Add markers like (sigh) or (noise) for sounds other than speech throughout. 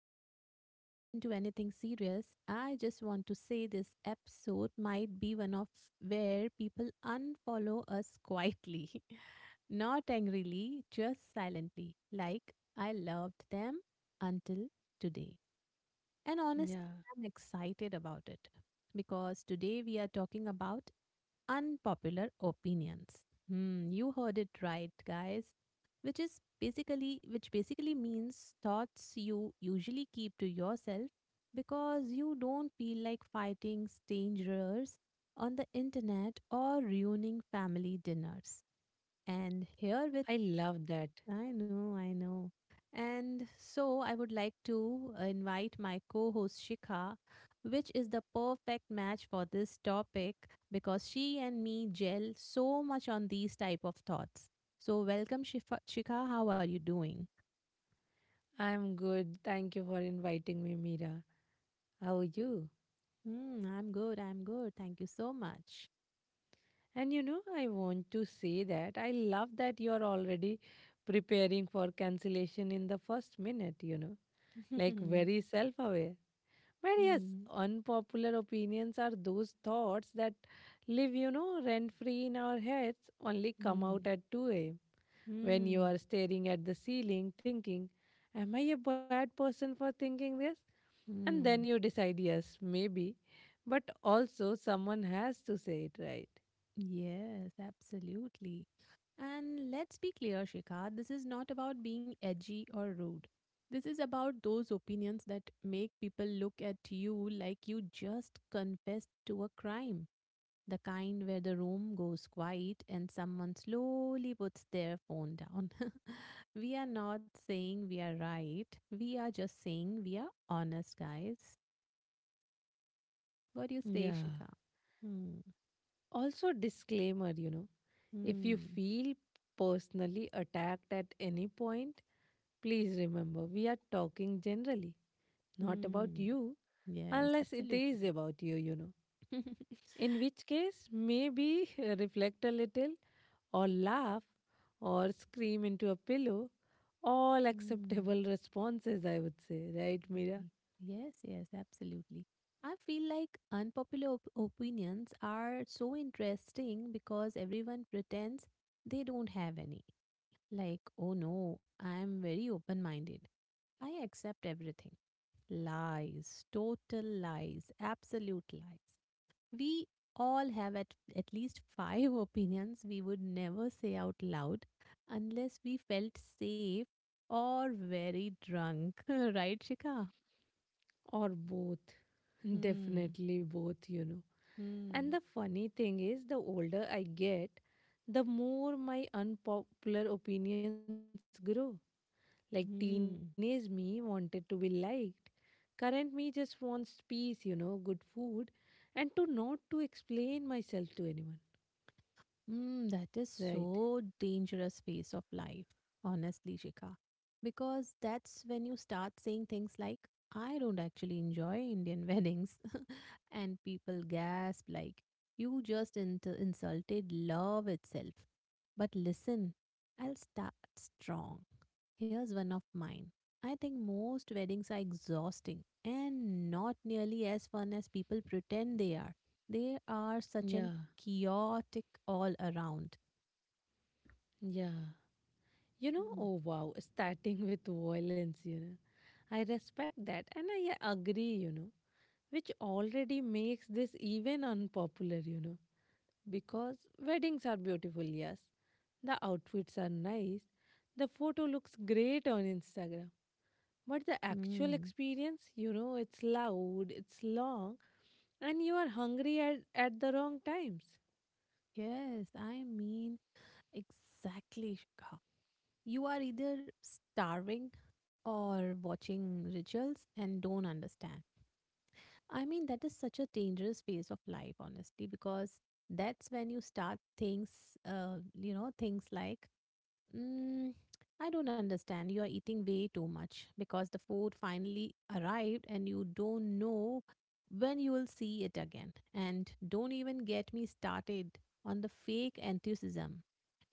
we even get into anything serious, I just want to say this episode might be one of where people unfollow us quietly, (laughs) not angrily, just silently. Like, I loved them until today. And honestly, Yeah, I'm excited about it because today we are talking about unpopular opinions. Hmm, you heard it right, guys. Which basically means thoughts you usually keep to yourself because you don't feel like fighting strangers on the internet or ruining family dinners. And here I with love that. I know, I know. And so I would like to invite my co host Shikha, which is the perfect match for this topic because she and me gel so much on these type of thoughts. So welcome Shikha, how are you doing? I'm good. Thank you for inviting me, Mira. How are you? Mm, I'm good, I'm good. Thank you so much. And I want to say that I love that you're already preparing for cancellation in the first minute, (laughs) like Mm, very self aware. But yes, mm, unpopular opinions are those thoughts that live, rent free in our heads, only come out at 2 a.m. when you mm, are staring at the ceiling thinking, am I a bad person for thinking this? And then mm. you decide, yes, maybe. But also, someone has to say it right. Yes, absolutely. And let's be clear, Shikha, this is not about being edgy or rude. This is about those opinions that make people look at you like you just confessed to a crime. The kind where the room goes quiet and someone slowly puts their phone down. (laughs) We are not saying we are right. We are just saying we are honest, guys. What do you say, Yeah. Shikha? Hmm, Also, disclaimer if you hmm, feel personally attacked at any point, please remember we are talking generally, not about hmm. you, Yes, unless it is absolutely. about you, you know. (laughs) In which case, maybe (laughs) reflect a little, or laugh, or scream into a pillow. All Mm, acceptable responses, I would say, right, Mira? y- yes, yes, absolutely. I feel like unpopular op opinions are so interesting because everyone pretends they don't have any. Like, oh no, I'm very open-minded. I accept everything. Lies, total lies, absolute lies. We all have at least five (laughs) opinions we would never say out loud unless we felt safe or very drunk. (laughs) Right, Shika? Or both (laughs) Hmm. Definitely both. And Hmm. the funny thing is, the older I get, the more my unpopular opinions grow. Like, teenage me Hmm. wanted to be liked, current me just wants peace, good food, and to not to explain myself to anyone, Mm, that is right? so dangerous phase of life, honestly, Shikha. Because that's when you start saying things like, I don't actually enjoy Indian weddings. (laughs) And people gasp like, you just insulted love itself. But listen, I'll start strong. Here's one of mine. I think most weddings are exhausting and not nearly as fun as people pretend they are. They are such an Yeah, chaotic all around. yeah, Mm. oh wow. (laughs) Starting with violence, I respect that, and I agree, which already makes this even unpopular, Because weddings are beautiful, yes. The outfits are nice. The photo looks great on Instagram. But the actual Mm. experience, it's loud, it's long, and you are hungry at the wrong times. Yes, I mean, exactly, Shikha. You are either starving or watching rituals and don't understand. I mean, that is such a dangerous phase of life, honestly, because that's when you start things like. Mm, I don't understand. You are eating way too much because the food finally arrived and you don't know when you will see it again. And don't even get me started on the fake enthusiasm.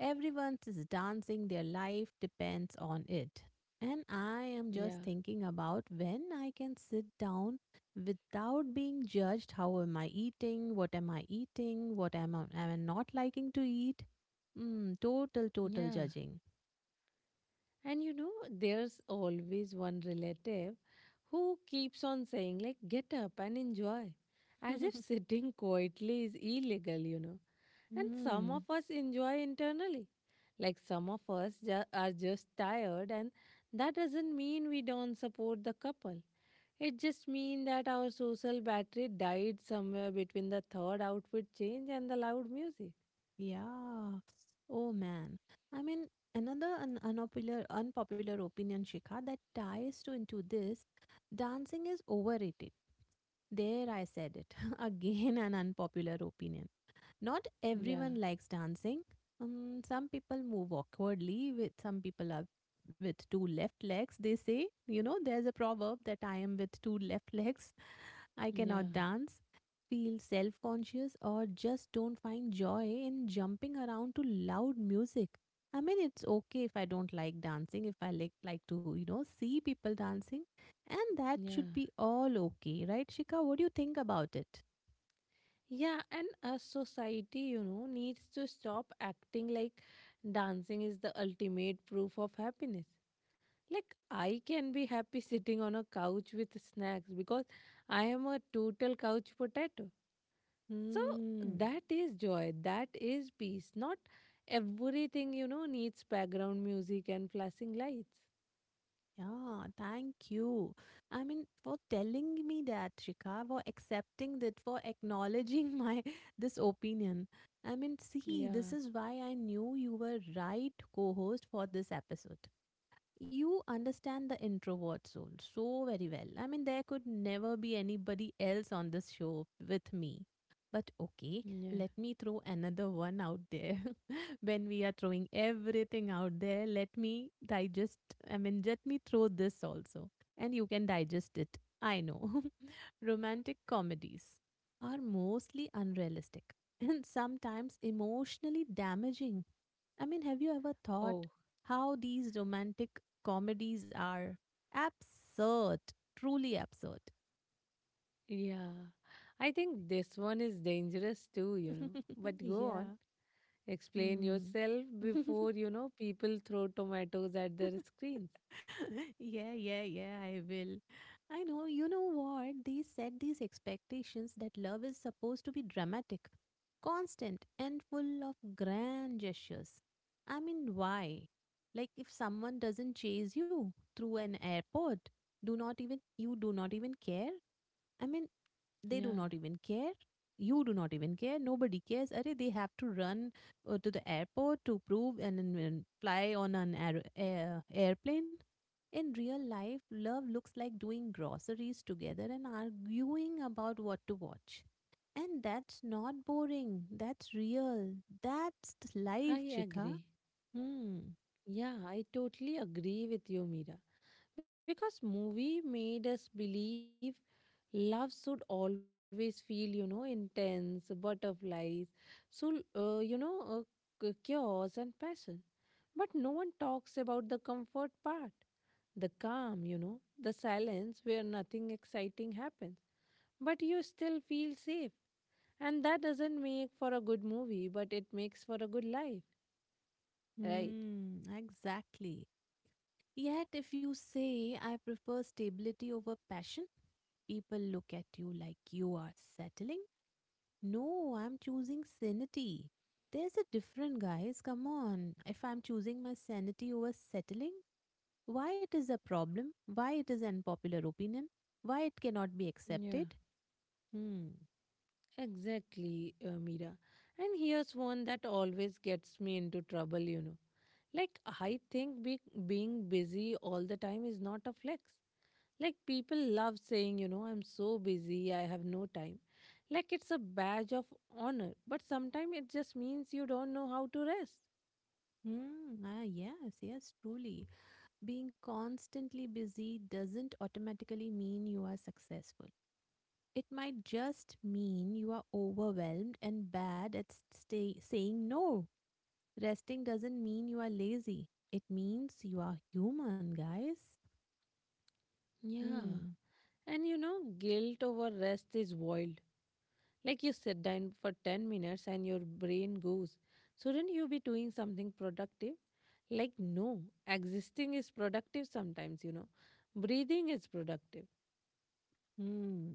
Everyone is dancing, their life depends on it. And I am just Yeah, thinking about when I can sit down without being judged. How am I eating? What am I eating? What am I not liking to eat? Mm, total, total yeah. judging. And there's always one relative who keeps on saying, like, get up and enjoy, as if (laughs) sitting (laughs) quietly is illegal, And some of Mm, us enjoy internally. Like, some of us are just tired, and that doesn't mean we don't support the couple. It just means that our social battery died somewhere between the third outfit change and the loud music. yeah. Oh man. I mean, another un unpopular unpopular opinion, Shikha, that ties to into this, dancing is overrated. There I said it. (laughs) Again, an unpopular opinion. Not Yeah, everyone likes dancing. Some people move awkwardly. With some people are with two left legs. They say, you know, there's a proverb that I am with two left legs. (laughs) I yeah, cannot dance. Feel self conscious or just don't find joy in jumping around to loud music. I mean, it's okay if I don't like dancing, if I like to, you know, see people dancing, and that yeah. should be all okay, right, Shika? What do you think about it? Yeah, and a society, needs to stop acting like dancing is the ultimate proof of happiness. Like, I can be happy sitting on a couch with snacks because I am a total couch potato. So, Hmm. that is joy, that is peace. Not everything, needs background music and flashing lights. Yeah, thank you. I mean, for telling me that, Shika, for accepting that, for acknowledging my (laughs) this opinion. I mean, see, this Yeah, is why I knew you were right co-host for this episode. You understand the introvert soul so very well. I mean, there could never be anybody else on this show with me. But okay, yeah. let me throw another one out there. (laughs) When we are throwing everything out there, let me digest, I mean, let me throw this also. And you can digest it. I know. (laughs) Romantic comedies are mostly unrealistic and sometimes emotionally damaging. I mean, have you ever thought Oh, how these romantic comedies are absurd, truly absurd? yeah. I think this one is dangerous too, But (laughs) go on, Yeah. explain Hmm. yourself before, people throw tomatoes at their screens. (laughs) Yeah, yeah, yeah, I will. I know, you know what? They set these expectations that love is supposed to be dramatic, constant, and full of grand gestures. I mean, why? Like, if someone doesn't chase you through an airport, do not even you do not even care. I mean, they do Yeah, not even care. You do not even care. Nobody cares. Are they have to run to the airport to prove and, then, fly on an airplane? In real life, love looks like doing groceries together and arguing about what to watch. And that's not boring. That's real. That's life, I Chika. agree. Hmm. Yeah, I totally agree with you, Mira. Because movie made us believe love should always feel, intense, butterflies, so chaos and passion. But no one talks about the comfort part, the calm, the silence where nothing exciting happens, but you still feel safe. And that doesn't make for a good movie, but it makes for a good life, right? Hmm. Exactly. Yet, if you say, I prefer stability over passion, people look at you like you are settling. No, I'm choosing sanity. There's a different, guys. Come on. If I'm choosing my sanity over settling, why it is a problem? Why it is an popular opinion? Why it cannot be Yeah. accepted? Hmm. Exactly, Meera. And here's one that always gets me into trouble, Like, I think being busy all the time is not a flex. Like, people love saying, I'm so busy, I have no time. Like, it's a badge of honor. But sometimes it just means you don't know how to rest. Hmm. Ah, yes, yes, truly. Being constantly busy doesn't automatically mean you are successful. It might just mean you are overwhelmed and bad at saying no. Resting doesn't mean you are lazy. It means you are human, guys. Yeah. Hmm. And guilt over rest is wild. Like, you sit down for 10 minutes and your brain goes, shouldn't you be doing something productive? Like, no, existing is productive sometimes, Breathing is productive. Hmm.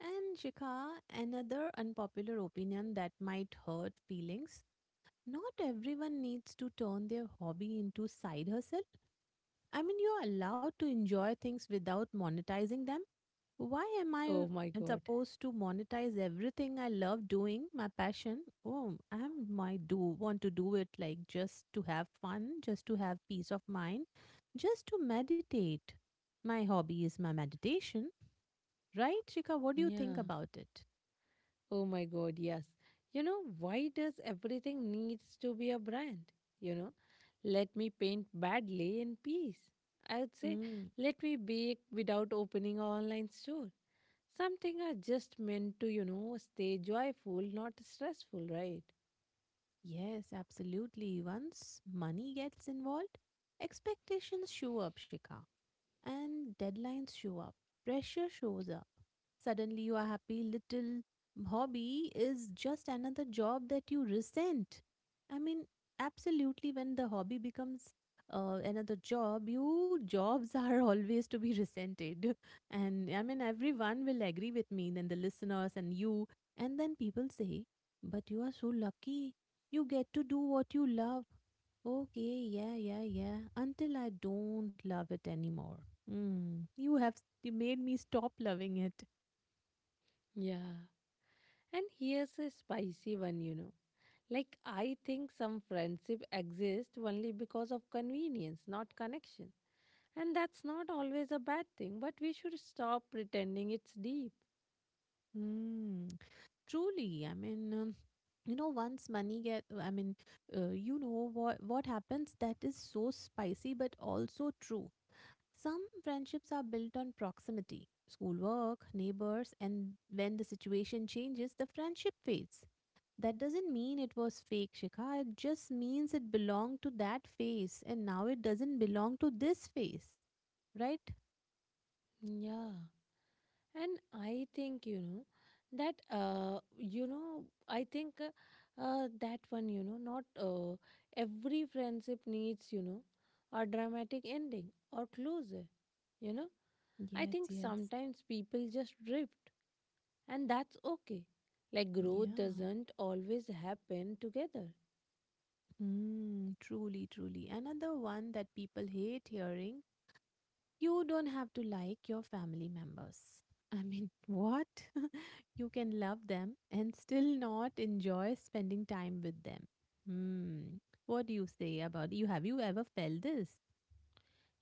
And Shikha, another unpopular opinion that might hurt feelings. Not everyone needs to turn their hobby into side hustle. I mean, you're allowed to enjoy things without monetizing them. Why am I Oh my God. supposed to monetize everything I love doing, my passion? Oh, I might do want to do it like just to have fun, just to have peace of mind, just to meditate. My hobby is my meditation, right, Shika? What do you Yeah. think about it? Oh my God. Yes. Why does everything needs to be a brand? You know, let me paint badly in peace, I would say. Mm, Let me bake without opening an online store. Something are just meant to, stay joyful, not stressful, right? yes, absolutely. Once money gets involved, expectations show up, Shika. And deadlines show up, pressure shows up. Suddenly, your happy little hobby is just another job that you resent. I mean, absolutely, when the hobby becomes another job, you jobs are (laughs) always to be resented. (laughs) And I mean, everyone will agree with me, then the listeners and you. And then people say, but you are so lucky. You get to do what you love. Okay, yeah, yeah, yeah. Until I don't love it anymore. Mm, you made me stop loving it. Yeah. And here's a spicy one, Like, I think some friendship exists only because of convenience, not connection. And that's not always a bad thing, but we should stop pretending it's deep. Mm, truly, I mean, you know, once money get, I mean, you know what happens that is so spicy but also true. Some friendships are built on proximity, schoolwork, neighbors, and when the situation changes, the friendship fades. That doesn't mean it was fake, Shikha. It just means it belonged to that phase, and now it doesn't belong to this phase, right? Yeah. And I think, that one, not every friendship needs, a dramatic ending or closure, you know. I Yes, think yes. sometimes people just drift, and that's okay. Like, growth Yeah. doesn't always happen together. Mm, truly, truly. Another one that people hate hearing you don't have to like your family members. I mean, (laughs) what? (laughs) You can love them and still not enjoy spending time with them. Hmm. What do you say about you? Have you ever felt this?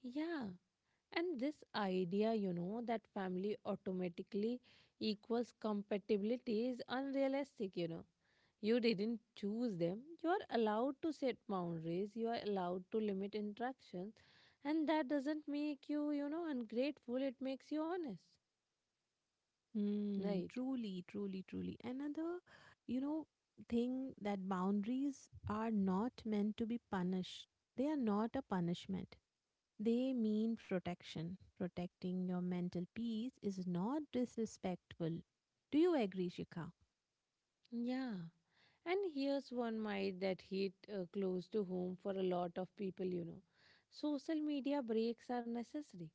Yeah, and this idea, that family automatically equals compatibility is unrealistic, you know. You didn't choose them. You are allowed to set boundaries, you are allowed to limit interactions, and that doesn't make you, ungrateful, it makes you honest, Hmm. right? Truly, truly, truly. Another, you know, thing that boundaries are not meant to be punished. They are not a punishment. They mean protection. Protecting your mental peace is not disrespectful. Do you agree, Shikha? Yeah. And here's one myth that hit close to home for a lot of people, Social media breaks are necessary.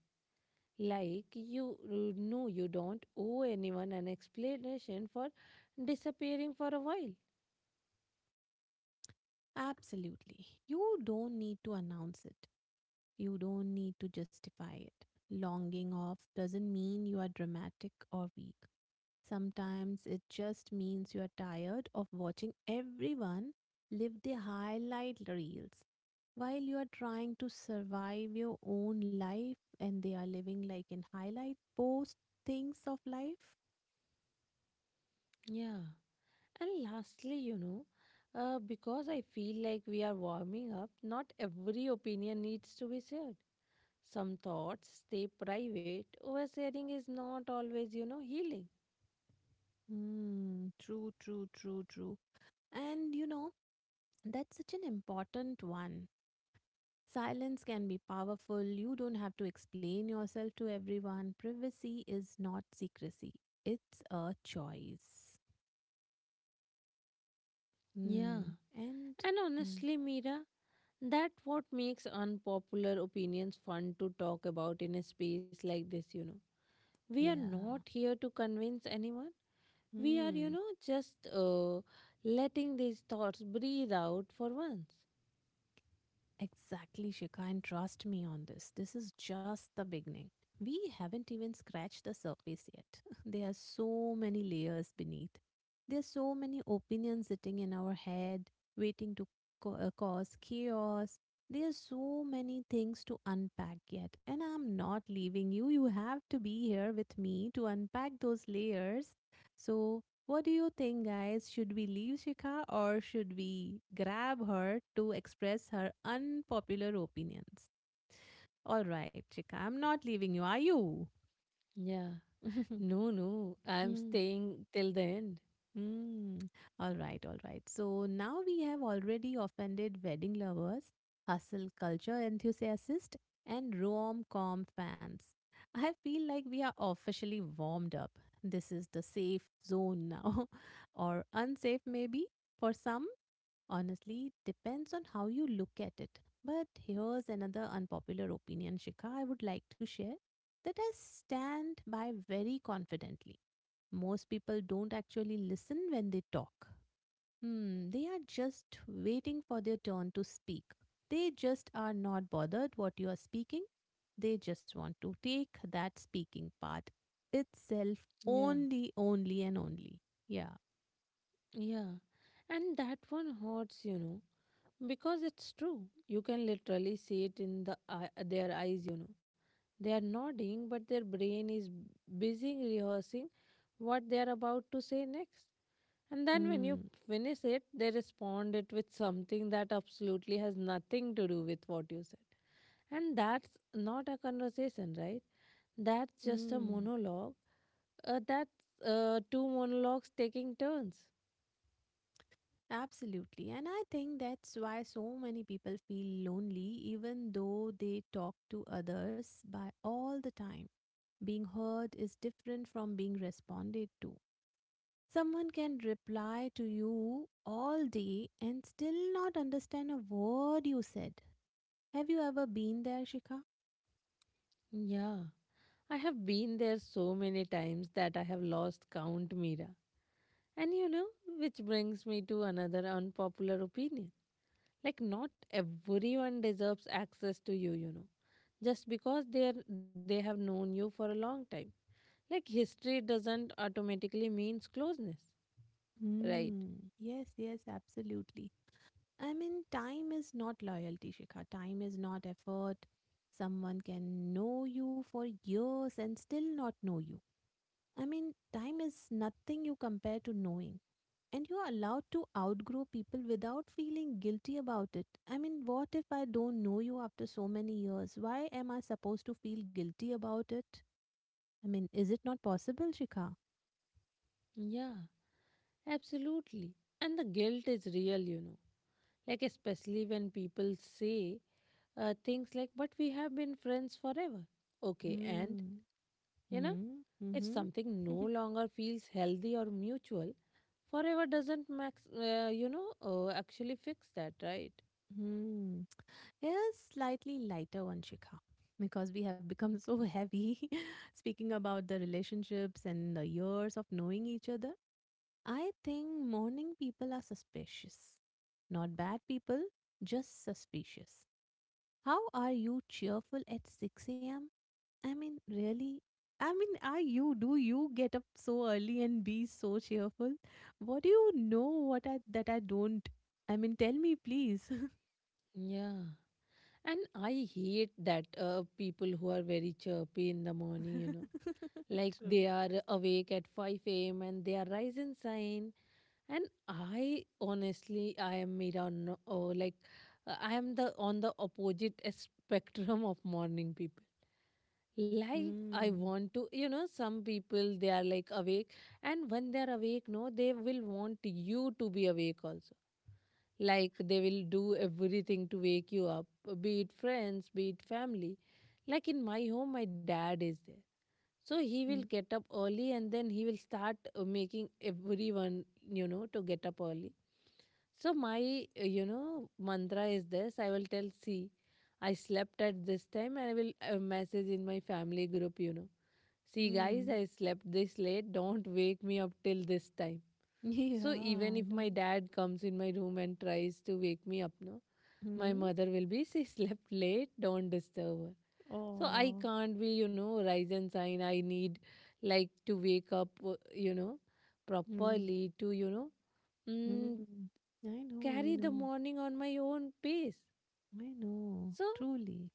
Like, you don't owe anyone an explanation for disappearing for a while. Absolutely. You don't need to announce it, you don't need to justify it. Longing off doesn't mean you are dramatic or weak. Sometimes it just means you are tired of watching everyone live their highlight reels while you are trying to survive your own life and they are living like in highlight post things of life. Yeah. And lastly, because I feel like we are warming up, not every opinion needs to be shared. Some thoughts stay private. Oversharing is not always, healing. Hmm, true, true, true, true. And you know, that's such an important one. Silence can be powerful. You don't have to explain yourself to everyone. Privacy is not secrecy, it's a choice. Yeah. Mm. And And mm, honestly, Mira, that what makes unpopular opinions fun to talk about in a space like this, We are not yeah. here to convince anyone. We are, you Mm. know, just letting these thoughts breathe out for once. Exactly, Shika. And trust me on this. This is just the beginning. We haven't even scratched the surface yet. (laughs) There are so many layers beneath. There are so many opinions sitting in our head, waiting to cause chaos. There are so many things to unpack yet. And I'm not leaving you. You have to be here with me to unpack those layers. So, what do you think, guys? Should we leave Shikha or should we grab her to express her unpopular opinions? All right, Shikha, I'm not leaving you, are you? Yeah. (laughs) No, no. I'm Hmm, staying till the end. hmm. All right, all right. So now we have already offended wedding lovers, hustle culture enthusiasts, and rom com fans. I feel like we are officially warmed up. This is the safe zone now, (laughs) or unsafe maybe for some. Honestly, depends on how you look at it. But here's another unpopular opinion, Shikha, I would like to share that I stand by very confidently. Most people don't actually listen when they talk. Hmm, they are just waiting for their turn to speak. They just are not bothered what you are speaking. They just want to take that speaking part itself Yeah. only, only, and only. Yeah. Yeah. And that one hurts, Because it's true. You can literally see it in the eye, their eyes, They are nodding, but their brain is busy rehearsing what they are about to say next. And then when you Mm, finish it, they respond it with something that absolutely has nothing to do with what you said. And that's not a conversation, right? That's just a mm. monologue. That's two monologues taking turns. Absolutely. And I think that's why so many people feel lonely, even though they talk to others by all the time. Being heard is different from being responded to. Someone can reply to you all day and still not understand a word you said. Have you ever been there, Shika? Yeah. I have been there so many times that I have lost count, Mira. And which brings me to another unpopular opinion. Like, not everyone deserves access to you, you know. Just because they have known you for a long time. Like, history doesn't automatically means closeness, Hmm. right? Yes, yes, absolutely. I mean, time is not loyalty, Shikha. Time is not effort. Someone can know you for years and still not know you. I mean, time is nothing you compare to knowing. And you are allowed to outgrow people without feeling guilty about it. I mean, what if I don't know you after so many years? Why am I supposed to feel guilty about it? I mean, is it not possible, Shikha? Yeah, absolutely. And the guilt is real, Like, especially when people say things like, "But we have been friends forever." Okay, and Hmm. You know, Hmm. if Hmm. something no (laughs) longer feels healthy or mutual, forever doesn't actually fix that, right? Hmm. is slightly lighter one, Shikha, because we have become so heavy. (laughs) Speaking about the relationships and the years of knowing each other, I think morning people are suspicious. Not bad people, just suspicious. How are you cheerful at 6 a.m.? I mean, really? I mean, are you? Do you get up so early and be so cheerful? What do you know what I don't? I mean, tell me, please. Yeah. And I hate that people who are very chirpy in the morning, (laughs) like True. they are awake at 5 a.m. and they are rising sign. And I honestly, I am Mira, no, oh, like I am the on the opposite (laughs) spectrum of morning people. Like, I Mm. want to, some people, they are like awake, and when they are awake, no, they will want you to be awake also. Like, they will do everything to wake you up, be it friends, be it family. Like, in my home, my dad is there, so he will Mm. get up early, and then he will start making everyone, to get up early. So my, mantra is this, I will tell, see, I slept at this time, and I will message in my family group, see, guys, Mm. I (laughs) slept this late. Don't wake me up till this time. Yeah, So, even I if my know. dad comes in my room and tries to wake me up, no, my Mm. mother will be, (laughs) she slept late, don't disturb her. So, I Oh. can't be, rise and shine. I need, like, to wake up, Mm. properly to, mm, Mm. I know, I carry the know. morning on my own pace. I know. So, Truly.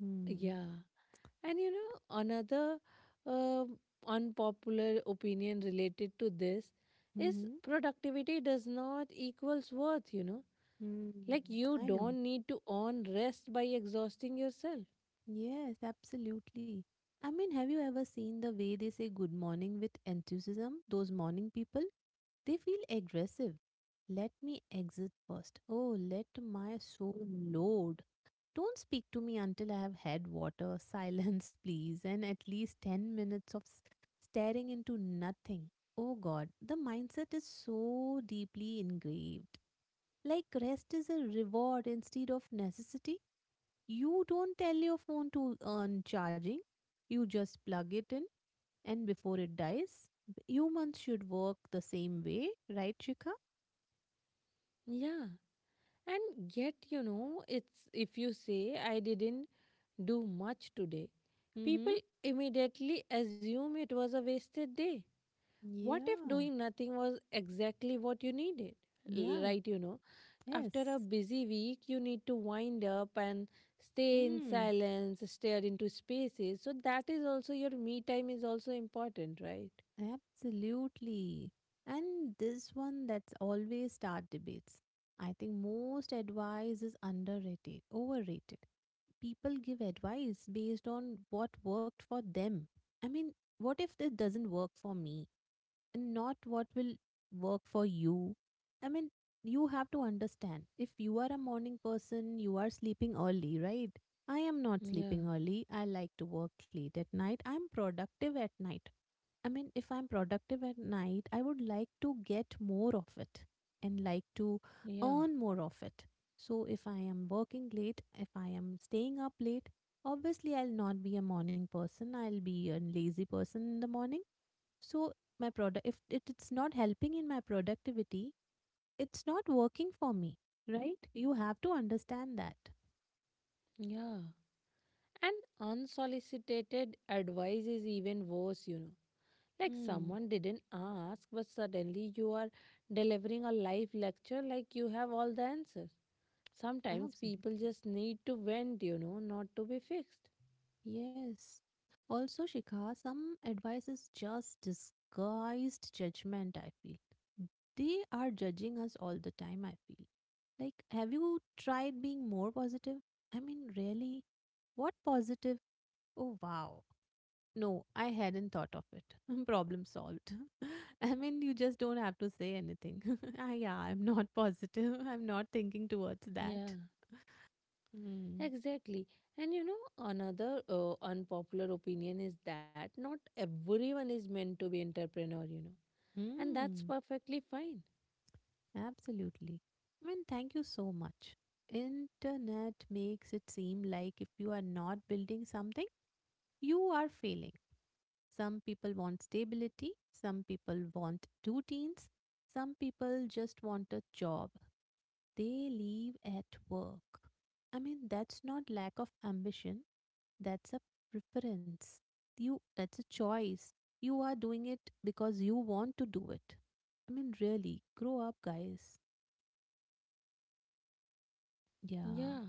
Mm. yeah. And another uh, unpopular opinion related to this is, Mm-hmm. productivity does not equals worth, Mm. Like, you I know. don't need to earn rest by exhausting yourself. Yes, absolutely. I mean, have you ever seen the way they say good morning with enthusiasm? Those morning people, they feel aggressive. Let me exit first. Oh, let my soul load. Don't speak to me until I have had water, (laughs) silence, please, and at least 10 minutes of staring into nothing. Oh God, the mindset is so deeply engraved. Like rest is a reward instead of necessity. You don't tell your phone to earn charging, you just plug it in, and before it dies, humans should work the same way, right, Shikha? Yeah. And yet, it's if you say I didn't do much today, Mm-hmm. people immediately assume it was a wasted day. What if Yeah, doing nothing was exactly what you needed? Yeah, Right, after a yes. busy week, you need to wind up and stay in Hmm, silence, stare into spaces. So that is also your me time, is also important, right? absolutely. And this one that's always start debates. I think most advice is overrated. People give advice based on what worked for them. I mean, what if this doesn't work for me? And not what will work for you. I mean, you have to understand if you are a morning person, you are sleeping early, right? I am not Yeah, sleeping early. I like to work late at night. I'm productive at night. I mean, if I'm productive at night, I would like to get more of it and like to yeah, earn more of it. So, if I am working late, if I am staying up late, obviously I'll not be a morning person. I'll be a lazy person in the morning so my product if it, it's not helping in my productivity, it's not working for me, right? You have to understand that. yeah. And unsolicited advice is even worse, Like, Hmm. someone didn't ask, but suddenly you are delivering a live lecture like you have all the answers. Sometimes people Absolutely. just need to vent, not to be fixed. Yes. Also, Shikha, some advice is just disguised judgment, I feel. They are judging us all the time, I feel. Like, have you tried being more positive? I mean, really? What positive? Oh, wow. No, I hadn't thought of it. (laughs) Problem solved. (laughs) I mean, you just don't have to say anything. (laughs) Yeah, I'm not positive. (laughs) I'm not thinking towards Yeah. that. Hmm. Exactly. And another unpopular opinion is that not everyone is meant to be entrepreneur, And that's Hmm. perfectly fine. Absolutely. I mean, thank you so much. Internet makes it seem like if you are not building something, you are failing. Some people want stability, some people want routines, some people just want a job. They leave at work. I mean, that's not lack of ambition, that's a preference. You that's a choice. You are doing it because you want to do it. I mean, really, grow up, guys. Yeah. Yeah,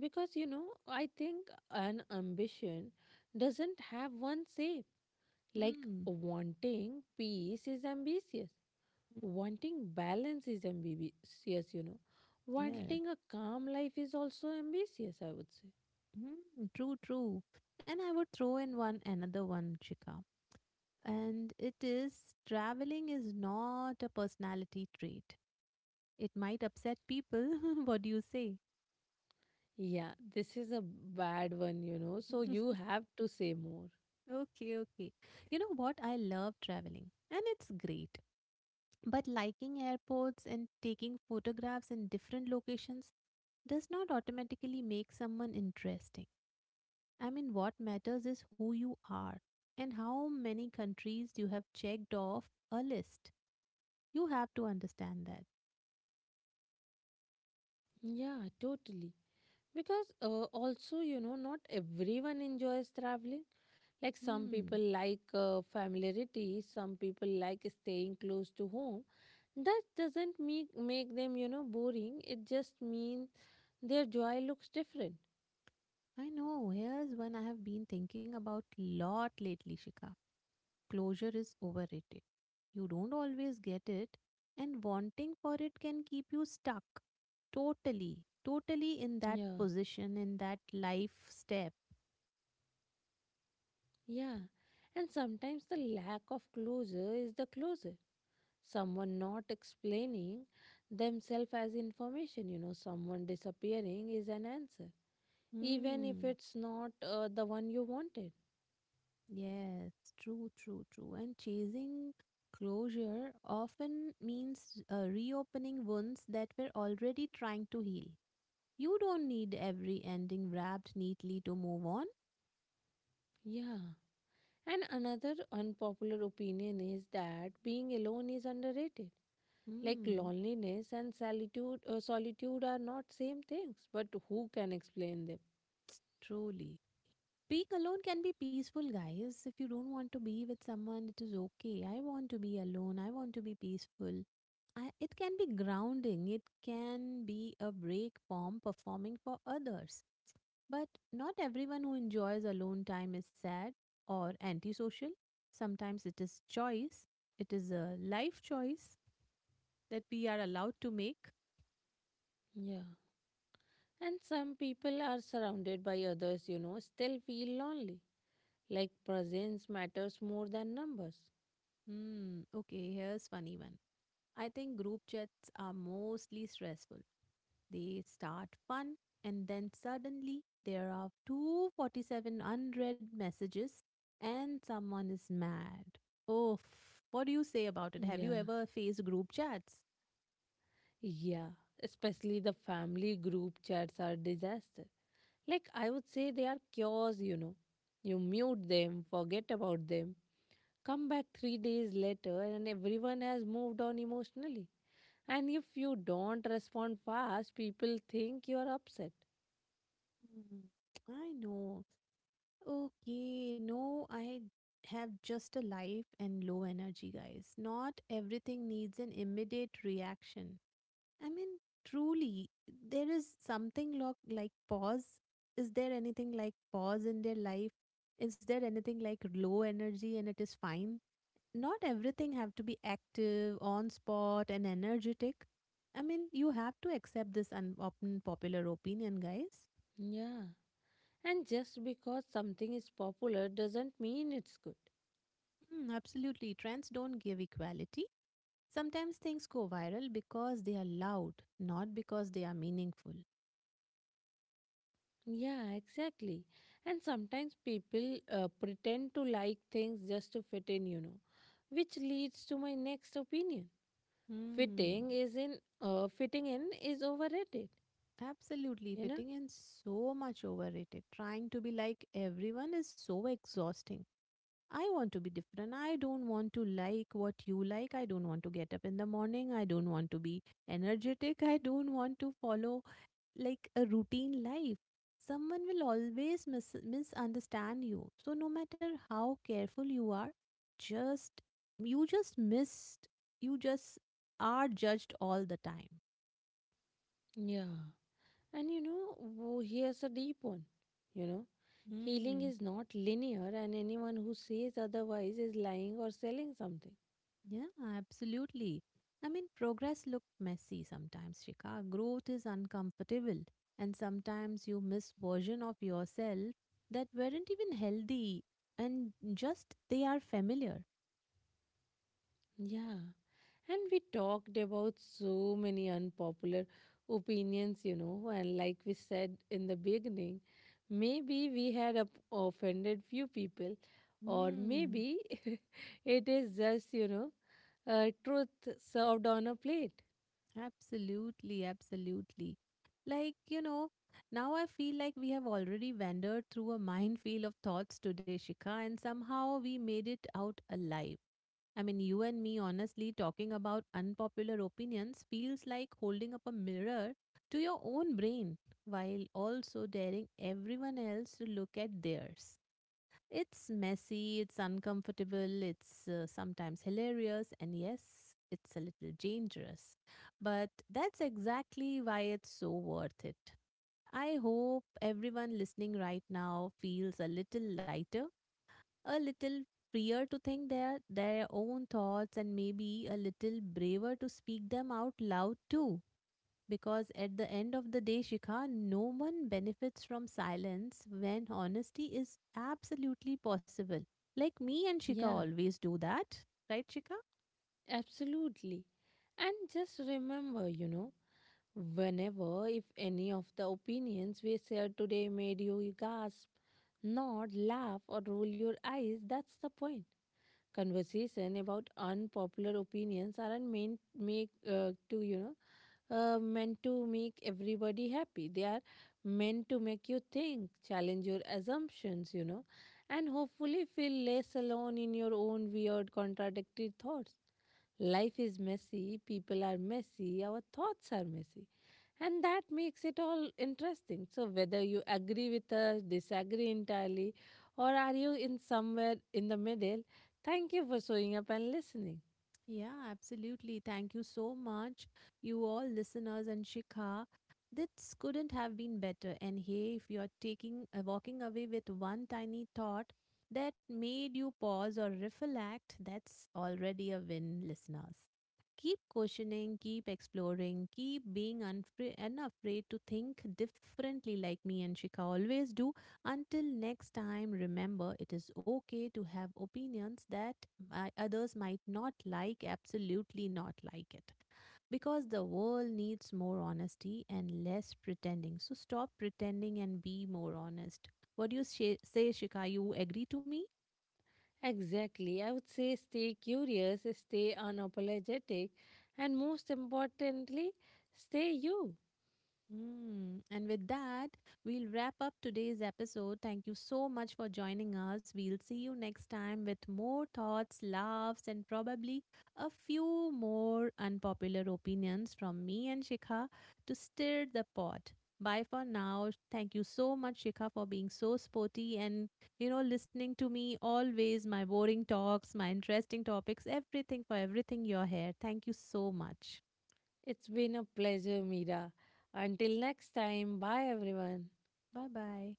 because I think an ambition doesn't have one shape. Like, Mm, wanting peace is ambitious. mm, Wanting balance is ambitious, yes. Wanting a calm life is also ambitious, I would say. True, true. And I would throw in one another one, Chika. And it is traveling is not a personality trait. It might upset people. (laughs) what do you say? Yeah, this is a bad one, So you have to say more. Okay, okay. You know what? I love traveling and it's great. But liking airports and taking photographs in different locations does not automatically make someone interesting. I mean, what matters is who you are and how many countries you have checked off a list. You have to understand that. Yeah, totally. Because also, not everyone enjoys traveling. Like, some Hmm. people like familiarity, some people like staying close to home. That doesn't make them, boring. It just means their joy looks different. I know. Here's one I have been thinking about lot lately, Shika. Closure is overrated. You don't always get it, and wanting for it can keep you stuck totally, totally in that Yeah, position, in that life step. yeah. And sometimes the lack of closure is the closure. Someone not explaining themselves as information, someone disappearing is an answer, even if Hmm. it's not the one you wanted. Yes, true, true, true. And chasing closure often means reopening wounds that we're already trying to heal. You don't need every ending wrapped neatly to move on. Yeah. And another unpopular opinion is that being alone is underrated. Like, Hmm. loneliness and solitude are not same things, but who can explain them? Truly. Being alone can be peaceful, guys. If you don't want to be with someone, it is okay. I want to be alone. I want to be peaceful. It can be grounding. It can be a break from performing for others. But not everyone who enjoys alone time is sad or antisocial. Sometimes it is choice. It is a life choice that we are allowed to make. Yeah. And some people are surrounded by others, still feel lonely. Like, presence matters more than numbers. Hmm. Okay. Here's funny one. I think group chats are mostly stressful. They start fun and then suddenly there are 247 unread messages and someone is mad. Oh, what do you say about it? Have you Yeah. ever faced group chats? Yeah. Especially the family group chats are disaster. Like, I would say, they are cures, you know. You mute them, forget about them, come back 3 days later, and everyone has moved on emotionally. And if you don't respond fast, people think you are upset. Hmm, I know. Okay, no, I have just a life and low energy, guys. Not everything needs an immediate reaction. I mean, truly, there is something like pause. Is there anything like pause in their life? Is there anything like low energy and it is fine? Not everything have to be active, on spot, and energetic. I mean, you have to accept this unpopular opinion, guys. Yeah. And just because something is popular doesn't mean it's good. Absolutely. Trends don't give equality. Sometimes things go viral because they are loud, not because they are meaningful. Yeah, exactly. And sometimes people pretend to like things just to fit in, which leads to my next opinion. Hmm. fitting is in fitting in is overrated, Absolutely, you know fitting in so much overrated. Trying to be like everyone is so exhausting. I want to be different. I don't want to like what you like. I don't want to get up in the morning. I don't want to be energetic. I don't want to follow like a routine life. Someone will always misunderstand you. So no matter how careful you are, just you just missed you just are judged all the time. yeah, and here's a deep one, you know healing Hmm. is not linear, and anyone who says otherwise is lying or selling something. Yeah, absolutely. I mean, progress look messy sometimes, Shika. Growth is uncomfortable, and sometimes you miss version of yourself that weren't even healthy, and just they are familiar. Yeah, and we talked about so many unpopular opinions, and like we said in the beginning, maybe we had offended few people, or Hmm. maybe (laughs) it is just, truth served on a plate. Absolutely, absolutely. Like you know, now I feel like we have already wandered through a minefield of thoughts today, Shika, and somehow we made it out alive. I mean, you and me honestly talking about unpopular opinions feels like holding up a mirror to your own brain while also daring everyone else to look at theirs. It's messy, it's uncomfortable, it's sometimes hilarious, and yes, it's a little dangerous. But that's exactly why it's so worth it. I hope everyone listening right now feels a little lighter a little freer to think their own thoughts and maybe a little braver to speak them out loud too. Because at the end of the day, Shikha, no one benefits from silence when honesty is absolutely possible. Like me and Shikha Yeah, always do that. Right, Shikha? absolutely. And just remember, whenever if any of the opinions we shared today made you gasp, nod, laugh, or roll your eyes, that's the point. Conversation about unpopular opinions aren't meant make to you know meant to make everybody happy. They are meant to make you think, challenge your assumptions, and hopefully feel less alone in your own weird, contradictory thoughts. Life is messy, people are messy, our thoughts are messy, and that makes it all interesting. So whether you agree with us, disagree entirely, or are you in somewhere in the middle, thank you for showing up and listening. Yeah, absolutely. Thank you so much, you all listeners and Shikha. This couldn't have been better. And hey, if you're taking walking away with one tiny thought that made you pause or reflect, that's already a win, listeners. Keep questioning, keep exploring, keep being unafraid to think differently, like me and Shikha always do. Until next time, remember it is okay to have opinions that others might not like, absolutely not like it. Because the world needs more honesty and less pretending. So stop pretending and be more honest. What do you say, Shika? You agree to me? Exactly. I would say, stay curious, stay unapologetic, and most importantly, stay you. Mm. And with that, we'll wrap up today's episode. Thank you so much for joining us. We'll see you next time with more thoughts, laughs, and probably a few more unpopular opinions from me and Shikha to stir the pot. Bye for now. Thank you so much, Shikha, for being so sporty and, you know, listening to me always, my boring talks, my interesting topics, everything for everything you're here. Thank you so much. It's been a pleasure, Mira. Until next time, bye everyone. Bye bye.